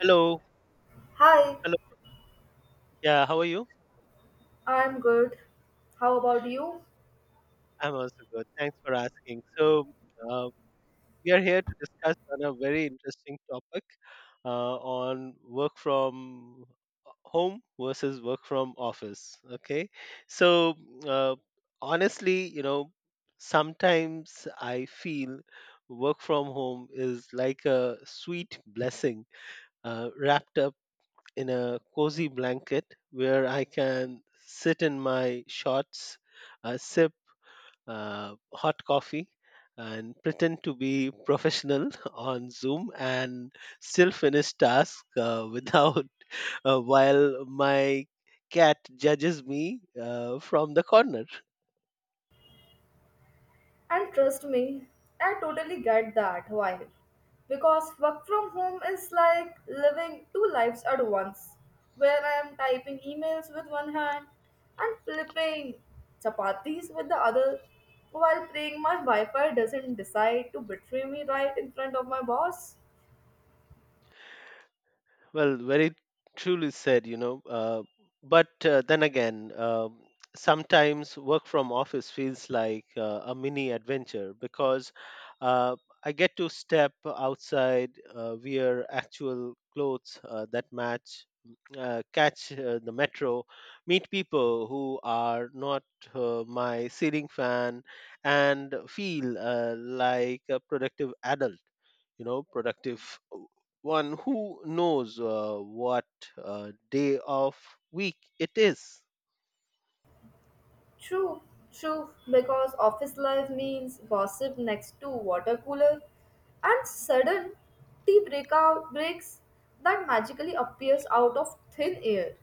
Hello. Hi, Hello. Yeah, how are you? I'm good. How about you? I'm also good. Thanks for asking. So, uh, we are here to discuss on a very interesting topic on work from home versus work from office. Okay. So, uh, honestly, you know, sometimes I feel work from home is like a sweet blessing, wrapped up in a cozy blanket where I can sit in my shorts, sip hot coffee, and pretend to be professional on Zoom and still finish task, without while my cat judges me from the corner. And trust me, I totally get that vibe. Because work from home is like living two lives at once, where I am typing emails with one hand and flipping chapatis with the other while praying my Wi Fi doesn't decide to betray me right in front of my boss. Well, very truly said, you know. But then again, sometimes work from office feels like a mini adventure because uh, I get to step outside, wear actual clothes that match, catch the metro, meet people who are not my ceiling fan, and feel like a productive adult, you know, productive one who knows what day of week it is. True, true, because office life means gossip next to water cooler and sudden tea breakout breaks that magically appears out of thin air.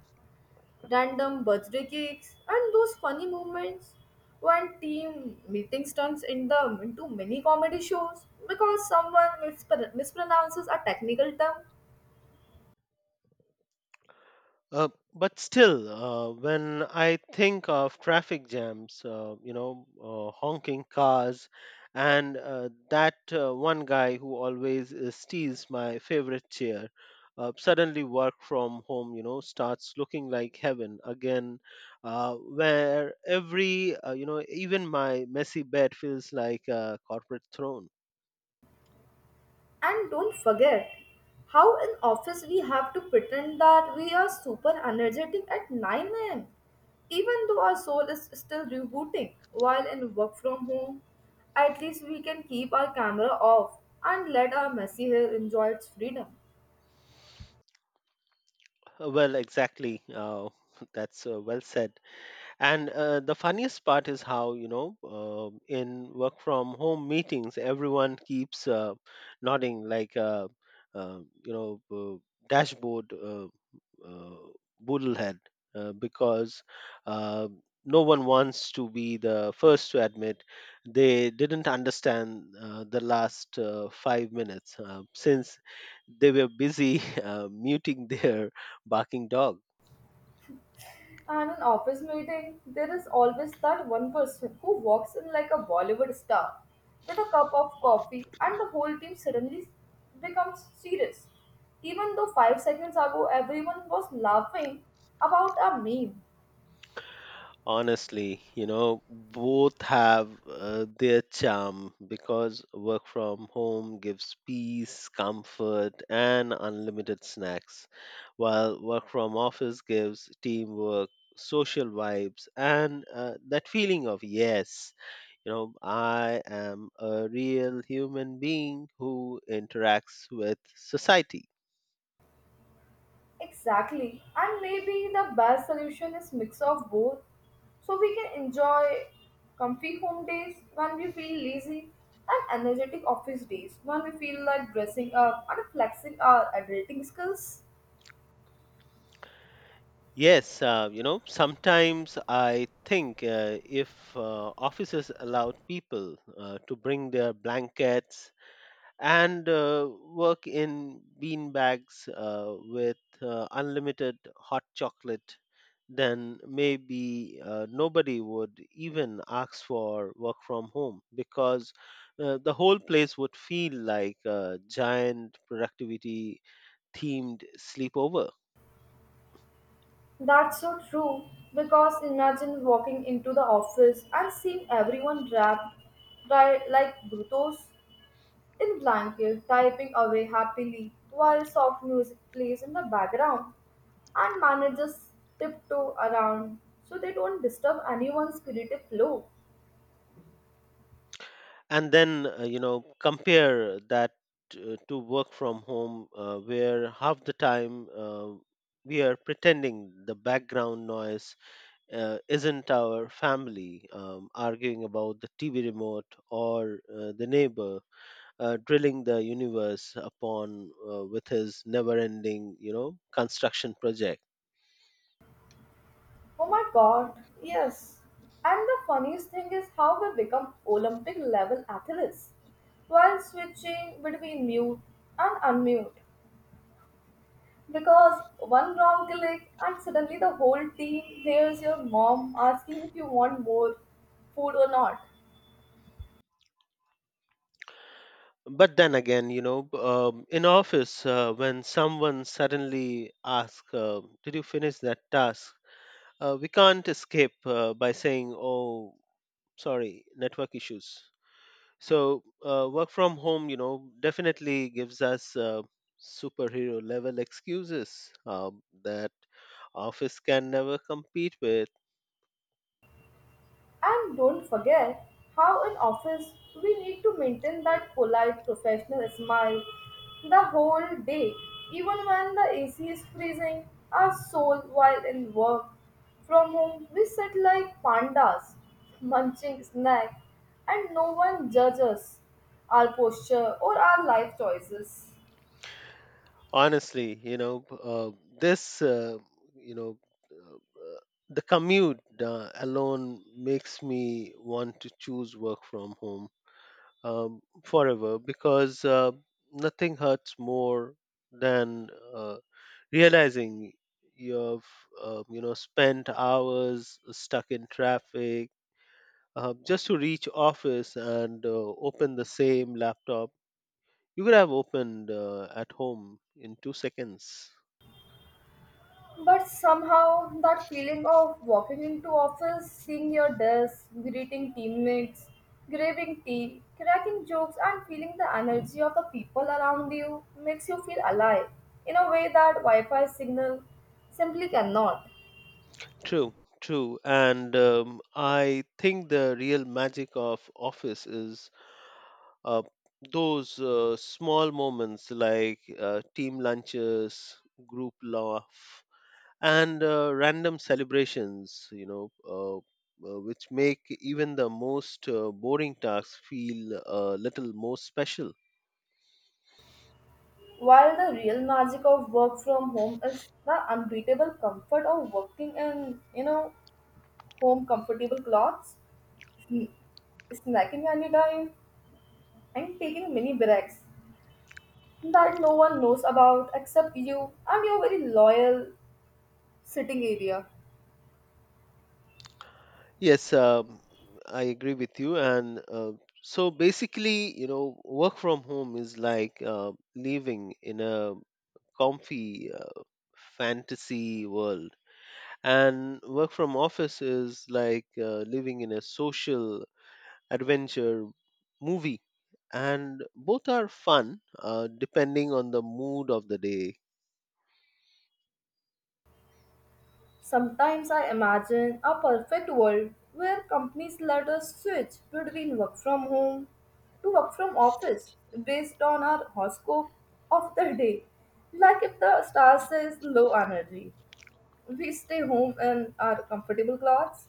Random birthday cakes and those funny moments when team meetings turns in them into mini comedy shows because someone mispronounces a technical term. Uh, but still, when I think of traffic jams, you know, honking cars, and that one guy who always steals my favorite chair, suddenly work from home, you know, starts looking like heaven again, where every, you know, even my messy bed feels like a corporate throne. And don't forget how in office we have to pretend that we are super energetic at 9 a.m. even though our soul is still rebooting while in work from home. At least we can keep our camera off and let our messy hair enjoy its freedom. Well, exactly. That's well said. And the funniest part is how, you know, in work from home meetings, everyone keeps nodding like, uh, you know, dashboard, uh, boodlehead, because uh, no one wants to be the first to admit they didn't understand the last 5 minutes since they were busy muting their barking dog. And an office meeting, there is always that one person who walks in like a Bollywood star with a cup of coffee, and the whole team suddenly becomes serious. Even though five seconds ago everyone was laughing about a meme. Honestly, you know, both have their charm because work from home gives peace, comfort, and unlimited snacks, while work from office gives teamwork, social vibes, and that feeling of, yes, you know, I am a real human being who interacts with society. Exactly. And maybe the best solution is mix of both so we can enjoy comfy home days when we feel lazy and energetic office days when we feel like dressing up and flexing our adulting skills. Yes, you know, sometimes I think if offices allowed people to bring their blankets and work in bean bags with unlimited hot chocolate, then maybe nobody would even ask for work from home because the whole place would feel like a giant productivity themed sleepover. That's so true because imagine walking into the office and seeing everyone wrapped dry, like brutos in blanket, typing away happily while soft music plays in the background and managers tiptoe around so they don't disturb anyone's creative flow. And then you know, compare that to work from home where half the time we are pretending the background noise isn't our family arguing about the tv remote or the neighbor drilling the universe upon with his never ending, you know, construction project. Oh my god, yes. And the funniest thing is how we become Olympic level athletes while switching between mute and unmute. Because one wrong click and suddenly the whole team hears your mom asking if you want more food or not. But then again, you know, in office, when someone suddenly asks, "Did you finish that task?" We can't escape by saying, oh, sorry, network issues. So work from home, you know, definitely gives us superhero level excuses that office can never compete with. And don't forget how in office we need to maintain that polite professional smile the whole day, even when the AC is freezing our soul while in work. From home we sit like pandas, munching snack, and no one judges our posture or our life choices. Honestly, you know, uh, this uh, you know uh, uh, the commute alone makes me want to choose work from home forever because nothing hurts more than uh, realizing you've you know, spent hours stuck in traffic just to reach office and open the same laptop you could have opened at home in 2 seconds. But somehow, that feeling of walking into office, seeing your desk, greeting teammates, grabbing tea, cracking jokes, and feeling the energy of the people around you makes you feel alive in a way that Wi-Fi signal simply cannot. True, true. And I think the real magic of office is uh, those small moments like team lunches, group laugh, and random celebrations, you know, which make even the most boring tasks feel a little more special. While the real magic of work from home is the unbeatable comfort of working in, you know, home comfortable clothes, sn- snacking anytime, and taking mini breaks that no one knows about except you and your very loyal sitting area. Yes, I agree with you. And so basically, you know, work from home is like living in a comfy, fantasy world. And work from office is like living in a social adventure movie. And both are fun depending on the mood of the day. Sometimes I imagine a perfect world where companies let us switch between work from home to work from office based on our horoscope of the day. Like if the star says low energy, we stay home in our comfortable clothes.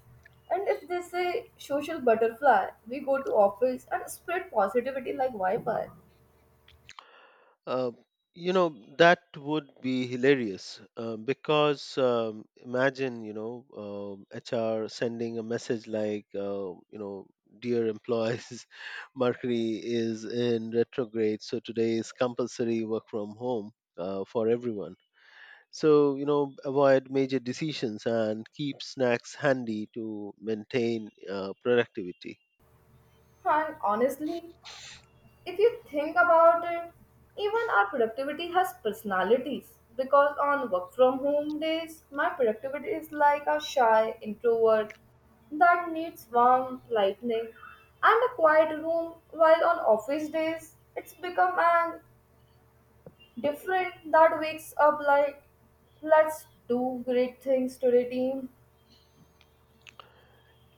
And if they say social butterfly, we go to office and spread positivity like Wi-Fi. Uh, you know, that would be hilarious because imagine, you know, HR sending a message like, you know, dear employees, Mercury is in retrograde, so today is compulsory work from home for everyone. So, you know, avoid major decisions and keep snacks handy to maintain productivity. And honestly, if you think about it, even our productivity has personalities. Because on work from home days, my productivity is like a shy introvert that needs warm lighting, and a quiet room, while on office days, it's become an different that wakes up like, let's do great things today, team.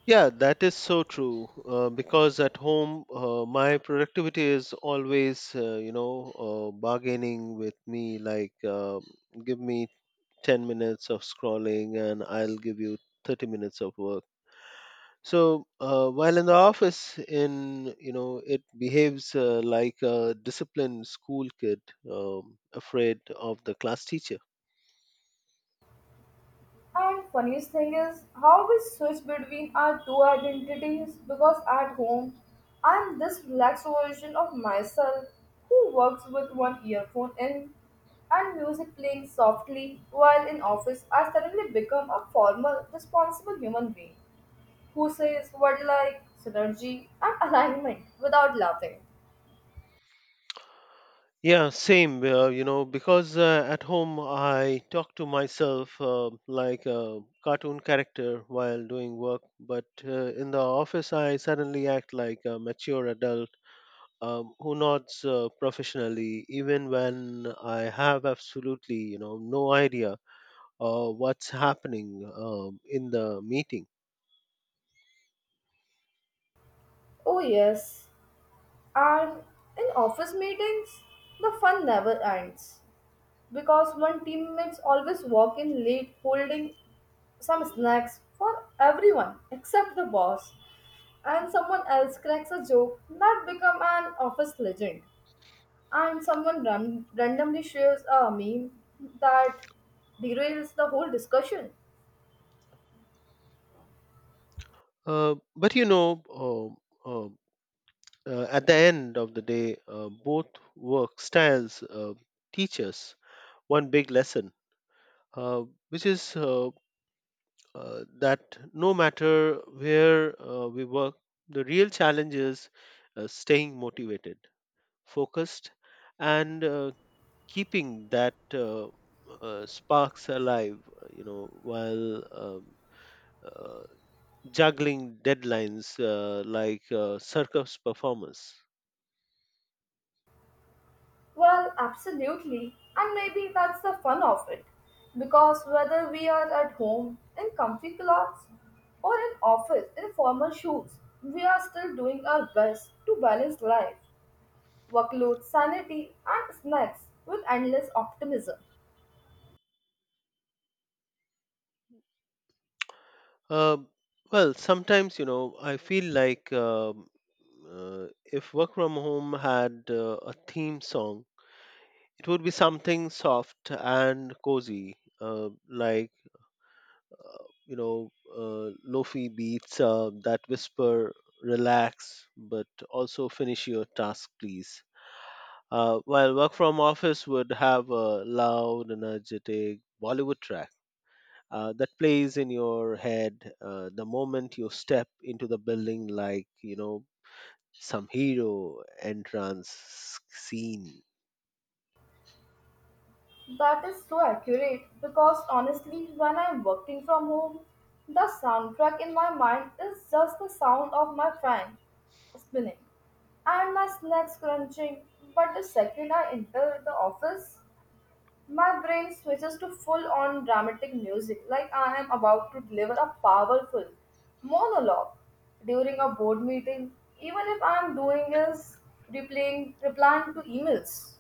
Yeah, that is so true. Because at home, my productivity is always, you know, bargaining with me. Like, give me 10 minutes of scrolling and I'll give you 30 minutes of work. So while in the office, in, you know, it behaves like a disciplined school kid, afraid of the class teacher. And funniest thing is how we switch between our two identities because at home I'm this relaxed version of myself who works with one earphone in and music playing softly while in office I suddenly become a formal, responsible human being who says what like synergy and alignment without laughing. Yeah, same. You know, because at home I talk to myself like a cartoon character while doing work, but in the office I suddenly act like a mature adult, who nods professionally, even when I have absolutely, you know, no idea what's happening in the meeting. Oh yes, and in office meetings the fun never ends because one teammates always walk in late holding some snacks for everyone except the boss and someone else cracks a joke that become an office legend and someone randomly shares a meme that derails the whole discussion. But you know, um, at the end of the day, both work styles teach us one big lesson, uh, which is that no matter where we work, the real challenge is staying motivated, focused, and keeping that sparks alive. You know, while uh, juggling deadlines like circus performers. Well, absolutely. And maybe that's the fun of it. Because whether we are at home in comfy clothes or in office in formal shoes, we are still doing our best to balance life, workload, sanity, and snacks with endless optimism. Um well, sometimes, you know, I feel like if work from home had a theme song, it would be something soft and cozy, like you know, lofi beats that whisper, "Relax, but also finish your task, please." While work from office would have a loud, energetic Bollywood track that plays in your head the moment you step into the building, like, you know, some hero entrance scene. That is so accurate because honestly, when I'm working from home, the soundtrack in my mind is just the sound of my fan spinning and my snacks crunching. But the second I enter the office, my brain switches to full on dramatic music like I am about to deliver a powerful monologue during a board meeting, even if I am doing is replying to emails.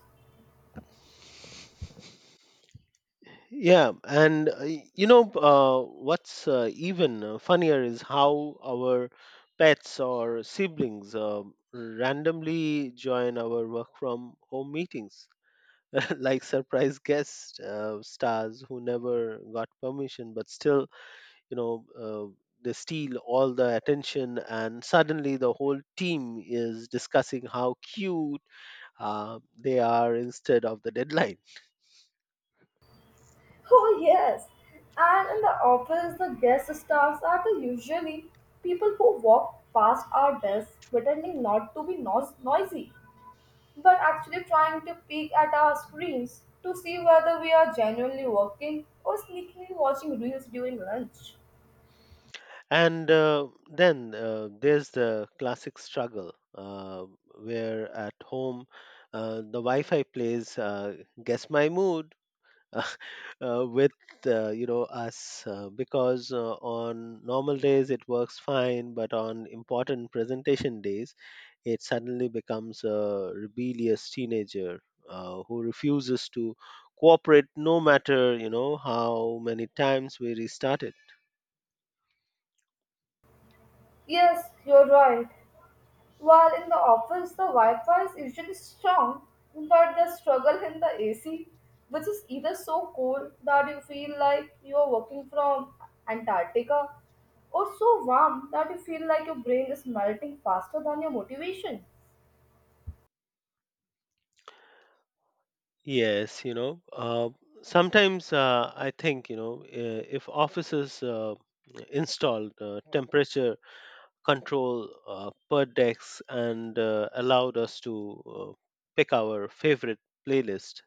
Yeah, and you know, what's even funnier is how our pets or siblings randomly join our work from home meetings like surprise guest stars who never got permission but still, you know, they steal all the attention and suddenly the whole team is discussing how cute they are instead of the deadline. Oh, yes. And in the office, the guest stars are the usually people who walk past our desks pretending not to be noisy, but actually trying to peek at our screens to see whether we are genuinely working or sneakily watching reels during lunch. And then there's the classic struggle where at home the wi-fi plays guess my mood with you know, us because on normal days it works fine, but on important presentation days it suddenly becomes a rebellious teenager who refuses to cooperate no matter, you know, how many times we restart it. Yes, you're right. While in the office, the Wi Fi is usually strong, but the struggle in the AC, which is either so cold that you feel like you are working from Antarctica, or so warm that you feel like your brain is melting faster than your motivation. Yes, you know, sometimes I think, you know, if offices installed temperature control per decks, and allowed us to pick our favorite playlist,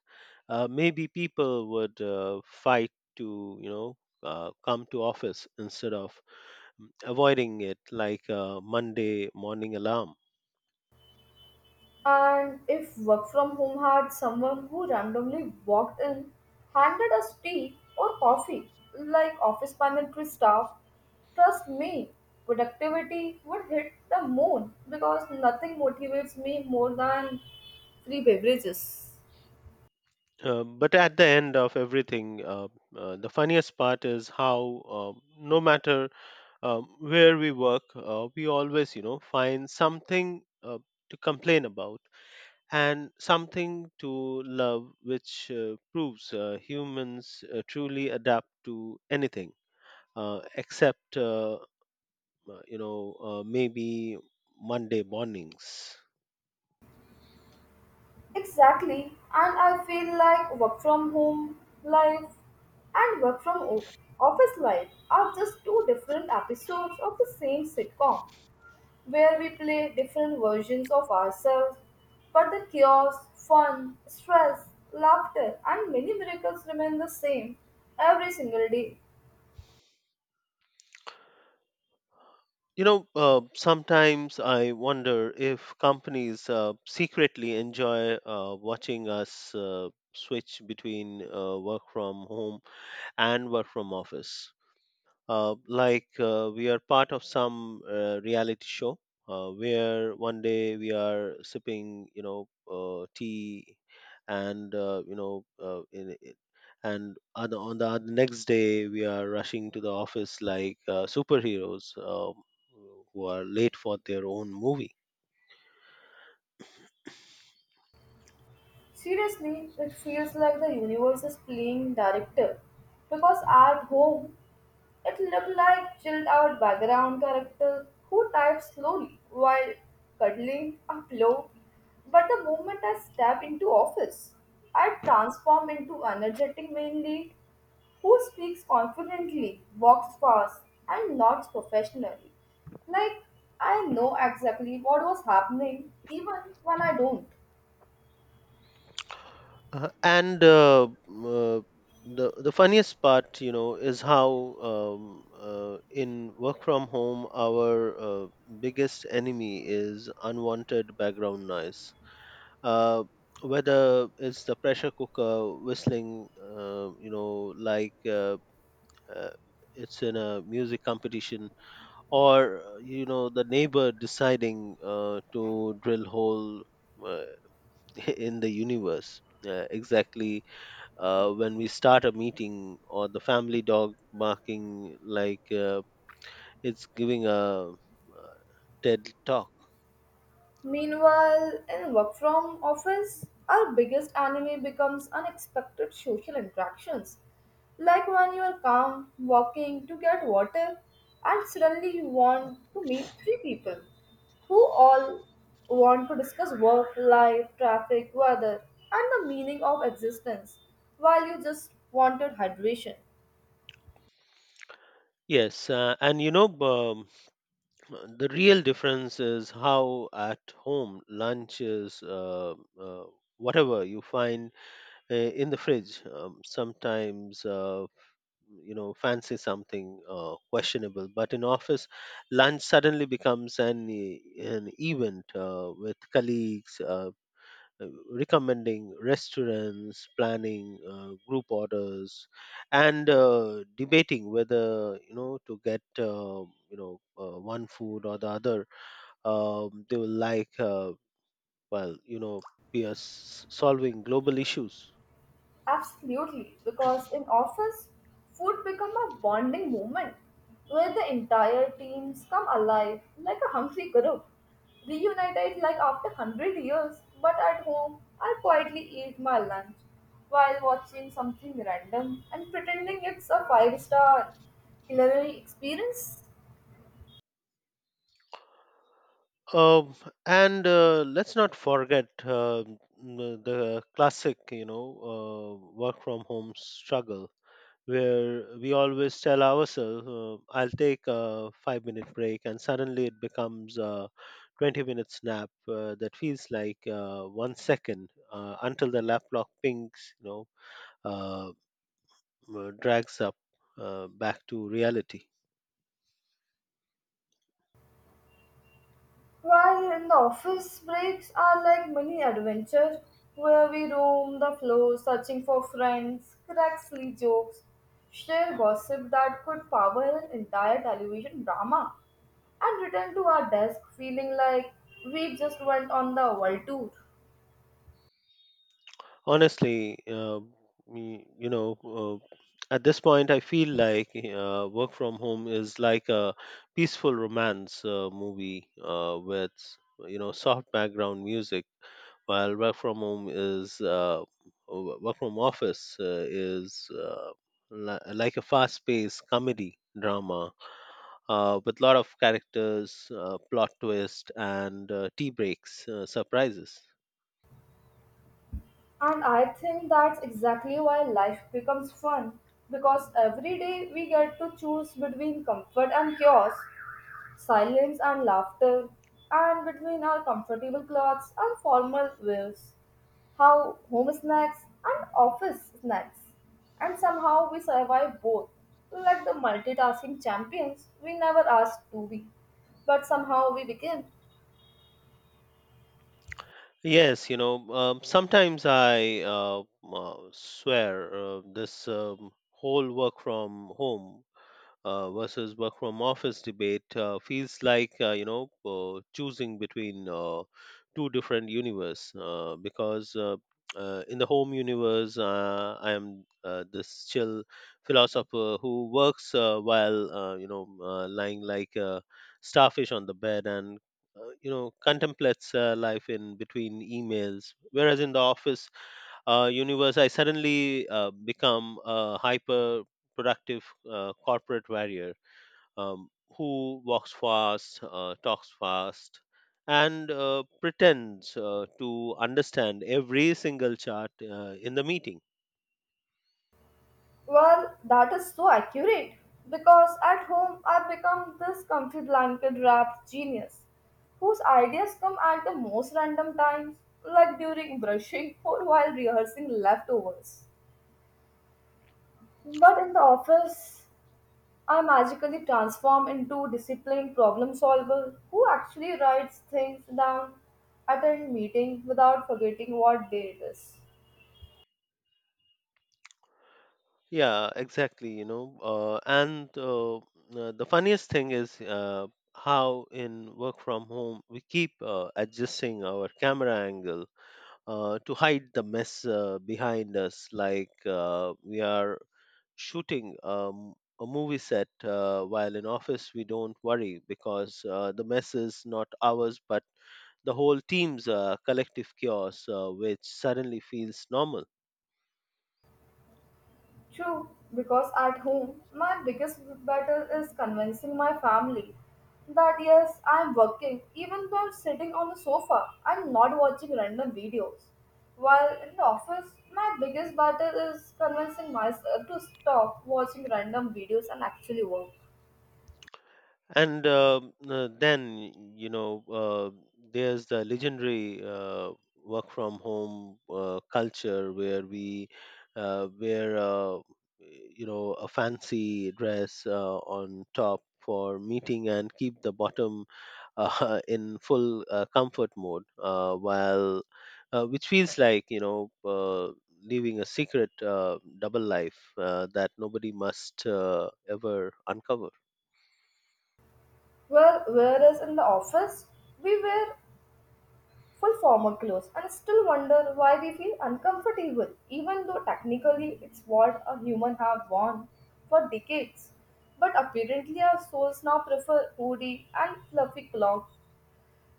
maybe people would fight to, you know, come to office instead of avoiding it like a Monday morning alarm. And if work from home had someone who randomly walked in, handed us tea or coffee, like office pantry staff, trust me, productivity would hit the moon because nothing motivates me more than free beverages. But at the end of everything, the funniest part is how, no matter where we work, we always, you know, find something to complain about and something to love, which proves humans truly adapt to anything except you know, maybe Monday mornings. Exactly, and I feel like work from home life and work from office life are just two different episodes of the same sitcom, where we play different versions of ourselves, but the chaos, fun, stress, laughter, and many miracles remain the same every single day. You know, sometimes I wonder if companies secretly enjoy watching us switch between work from home and work from office. Like we are part of some reality show where one day we are sipping, you know, tea, and you know, in, I- and on the oth- next day we are rushing to the office like superheroes, who are late for their own movie. Seriously, it feels like the universe is playing director because at home it looked like chilled out background character who types slowly while cuddling a pillow. But the moment I step into office, I transform into energetic main lead who speaks confidently, walks fast, and nods professionally. Like I know exactly what was happening even when I don't. And uh, the funniest part, you know, is how in work from home our biggest enemy is unwanted background noise. Uh, Whether it's the pressure cooker whistling, you know, like uh, it's in a music competition, or you know, the neighbor deciding to drill hole, uh, in the universe. Exactly when we start a meeting or the family dog barking like it's giving a uh, TED talk. Meanwhile, in work from office, our biggest enemy becomes unexpected social interactions. Like when you are calm, walking to get water, and suddenly you want to meet three people who all want to discuss work, life, traffic, weather, and the meaning of existence, while you just wanted hydration. Yes, and you know, the real difference is how at home lunch is uh, whatever you find in the fridge. Sometimes, you know, fancy something questionable, but in office, lunch suddenly becomes an event with colleagues. Recommending restaurants, planning group orders, and debating whether, you know, to get you know, one food or the other. They will, like, well, you know, we are solving global issues. Absolutely, because in office, food become a bonding moment where the entire teams come alive like a hungry group, reunited like after 100 years. But at home, I quietly eat my lunch while watching something random and pretending it's a five-star culinary experience. Um, and let's not forget the classic, you know, work from home struggle where we always tell ourselves, I'll take a 5 minute break, and suddenly it becomes a 20-minute nap that feels like 1 second until the lap clock pings, you know, uh, drags up back to reality. While in the office, breaks are like mini adventures where we roam the floor searching for friends, crack silly jokes, share gossip that could power an entire television drama, and return to our desk feeling like we just went on the world tour. Honestly, me- you know, uh, at this point, I feel like work from home is like a peaceful romance movie with, soft background music, while work from home is work from office is like a fast-paced comedy drama with a lot of characters, plot twist, and tea breaks, surprises. And I think that's exactly why life becomes fun because every day we get to choose between comfort and chaos, silence and laughter, and between our comfortable clothes and formal wears, how home snacks and office snacks, and somehow we survive both, like the multitasking champions we never asked to be, but somehow we became. Yes, sometimes I swear this whole work from home versus work from office debate feels like choosing between two different universe because in the home universe, I am this chill philosopher who works while lying like a starfish on the bed, and contemplates life in between emails, whereas in the office universe, I suddenly become a hyper productive corporate warrior um, who walks fast, talks fast, and pretends to understand every single chart in the meeting. Well, that is so accurate because at home I've become this comfy blanket wrapped genius whose ideas come at the most random times, like during brushing or while rehearsing leftovers. But in the office, I magically transform into disciplined problem solver who actually writes things down, attend meeting without forgetting what day it is. Yeah, exactly. And the funniest thing is how in work from home we keep adjusting our camera angle to hide the mess behind us, like we are shooting a movie set, while in office. We don't worry because the mess is not ours, but the whole team's collective chaos, which suddenly feels normal. True, because at home, my biggest battle is convincing my family that yes, I am working even though I'm sitting on the sofa and not watching random videos. While in the office, my biggest battle is convincing myself to stop watching random videos and actually work. And then there's the legendary work from home culture, where we wear a fancy dress on top for meeting and keep the bottom in full comfort mode, while which feels like living a secret double life that nobody must ever uncover. Well, whereas in the office, we were full formal clothes and still wonder why we feel uncomfortable, even though technically it's what a human have worn for decades. But apparently our souls now prefer hoodie and fluffy cloth,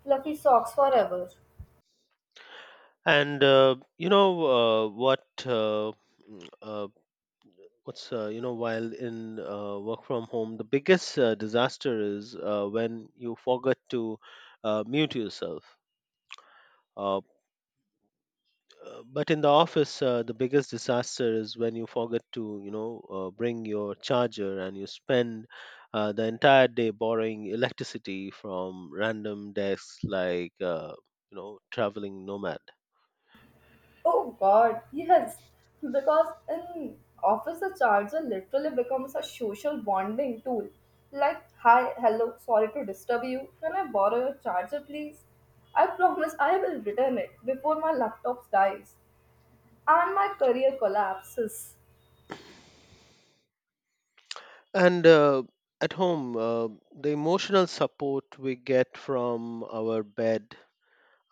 fluffy socks forever. And you know what? Mm, uh, what's, while in work from home, the biggest disaster is when you forget to mute yourself. Uh, but in the office, the biggest disaster is when you forget to bring your charger, and you spend the entire day borrowing electricity from random desks like traveling nomad. Oh god, yes. Because in office the charger literally becomes a social bonding tool. Like, hi, hello, sorry to disturb you. Can I borrow your charger please? I promise I will return it before my laptop dies and my career collapses. And at home, the emotional support we get from our bed,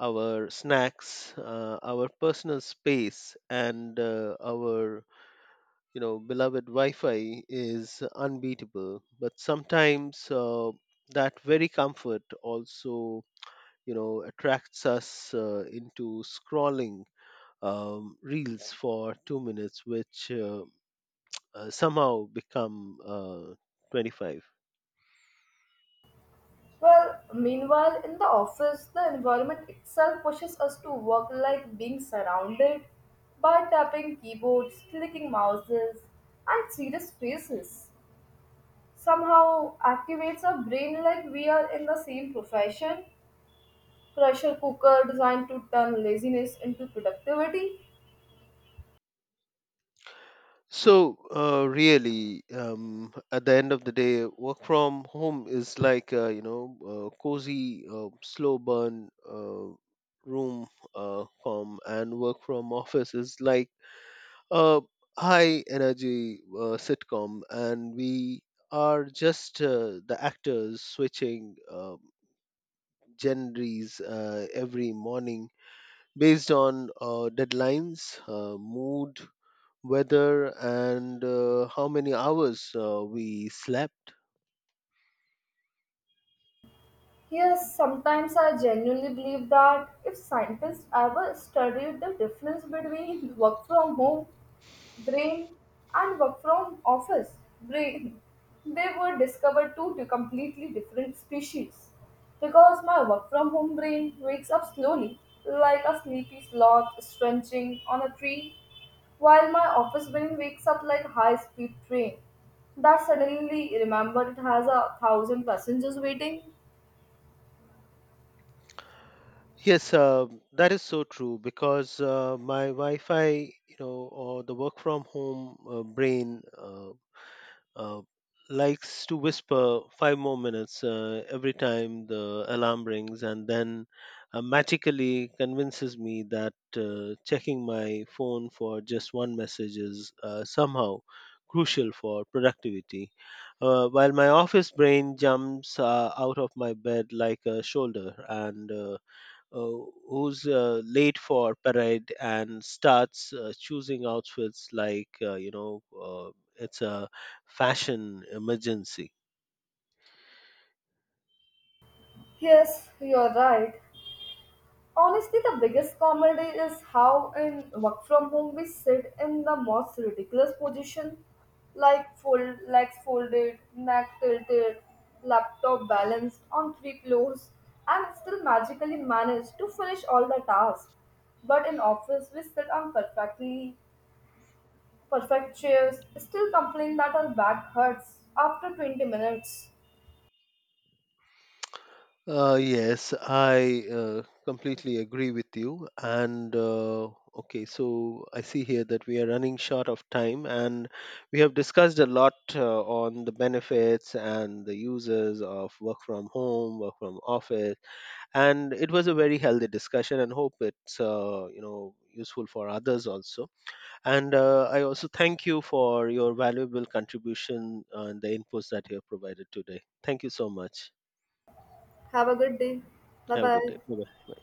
our snacks, our personal space, and our beloved Wi-Fi is unbeatable. But sometimes that very comfort also attracts us into scrolling reels for 2 minutes, which somehow become 25. Well, meanwhile, in the office, the environment itself pushes us to work like being surrounded by tapping keyboards, clicking mouses, and serious faces. Somehow activates our brain like we are in the same profession. Pressure cooker designed to turn laziness into productivity. So, really, at the end of the day, work from home is like cozy, slow burn room com, and work from office is like a high energy sitcom, and we are just the actors switching genres every morning, based on deadlines, mood, weather, and how many hours we slept. Yes, sometimes I genuinely believe that if scientists ever studied the difference between work from home brain and work from office brain they were discovered two to completely different species because my work from home brain wakes up slowly like a sleepy sloth stretching on a tree while my office brain wakes up like a high speed train that suddenly remembered it has a 1,000 passengers waiting. Yes, that is so true because my Wi-Fi, or the work from home brain uh, likes to whisper five more minutes every time the alarm rings, and then magically convinces me that checking my phone for just one message is somehow crucial for productivity, while my office brain jumps out of my bed like a shoulder, and uh, who's late for parade and starts choosing outfits like it's a fashion emergency. Yes, you're right. Honestly, the biggest comedy is how in work from home we sit in the most ridiculous position, like fold, legs folded, neck tilted, laptop balanced on three pillows, and still magically manage to finish all the tasks. But in office, we sit on perfectly perfect chairs, still complain that our back hurts after 20 minutes. Yes, I completely agree with you. And okay, so I see here that we are running short of time, and we have discussed a lot on the benefits and the uses of work from home, work from office, and it was a very healthy discussion, and hope it's useful for others also. And I also thank you for your valuable contribution and the inputs that you have provided today. Thank you so much. Have a good day. Bye Have a good bye. day. Bye bye.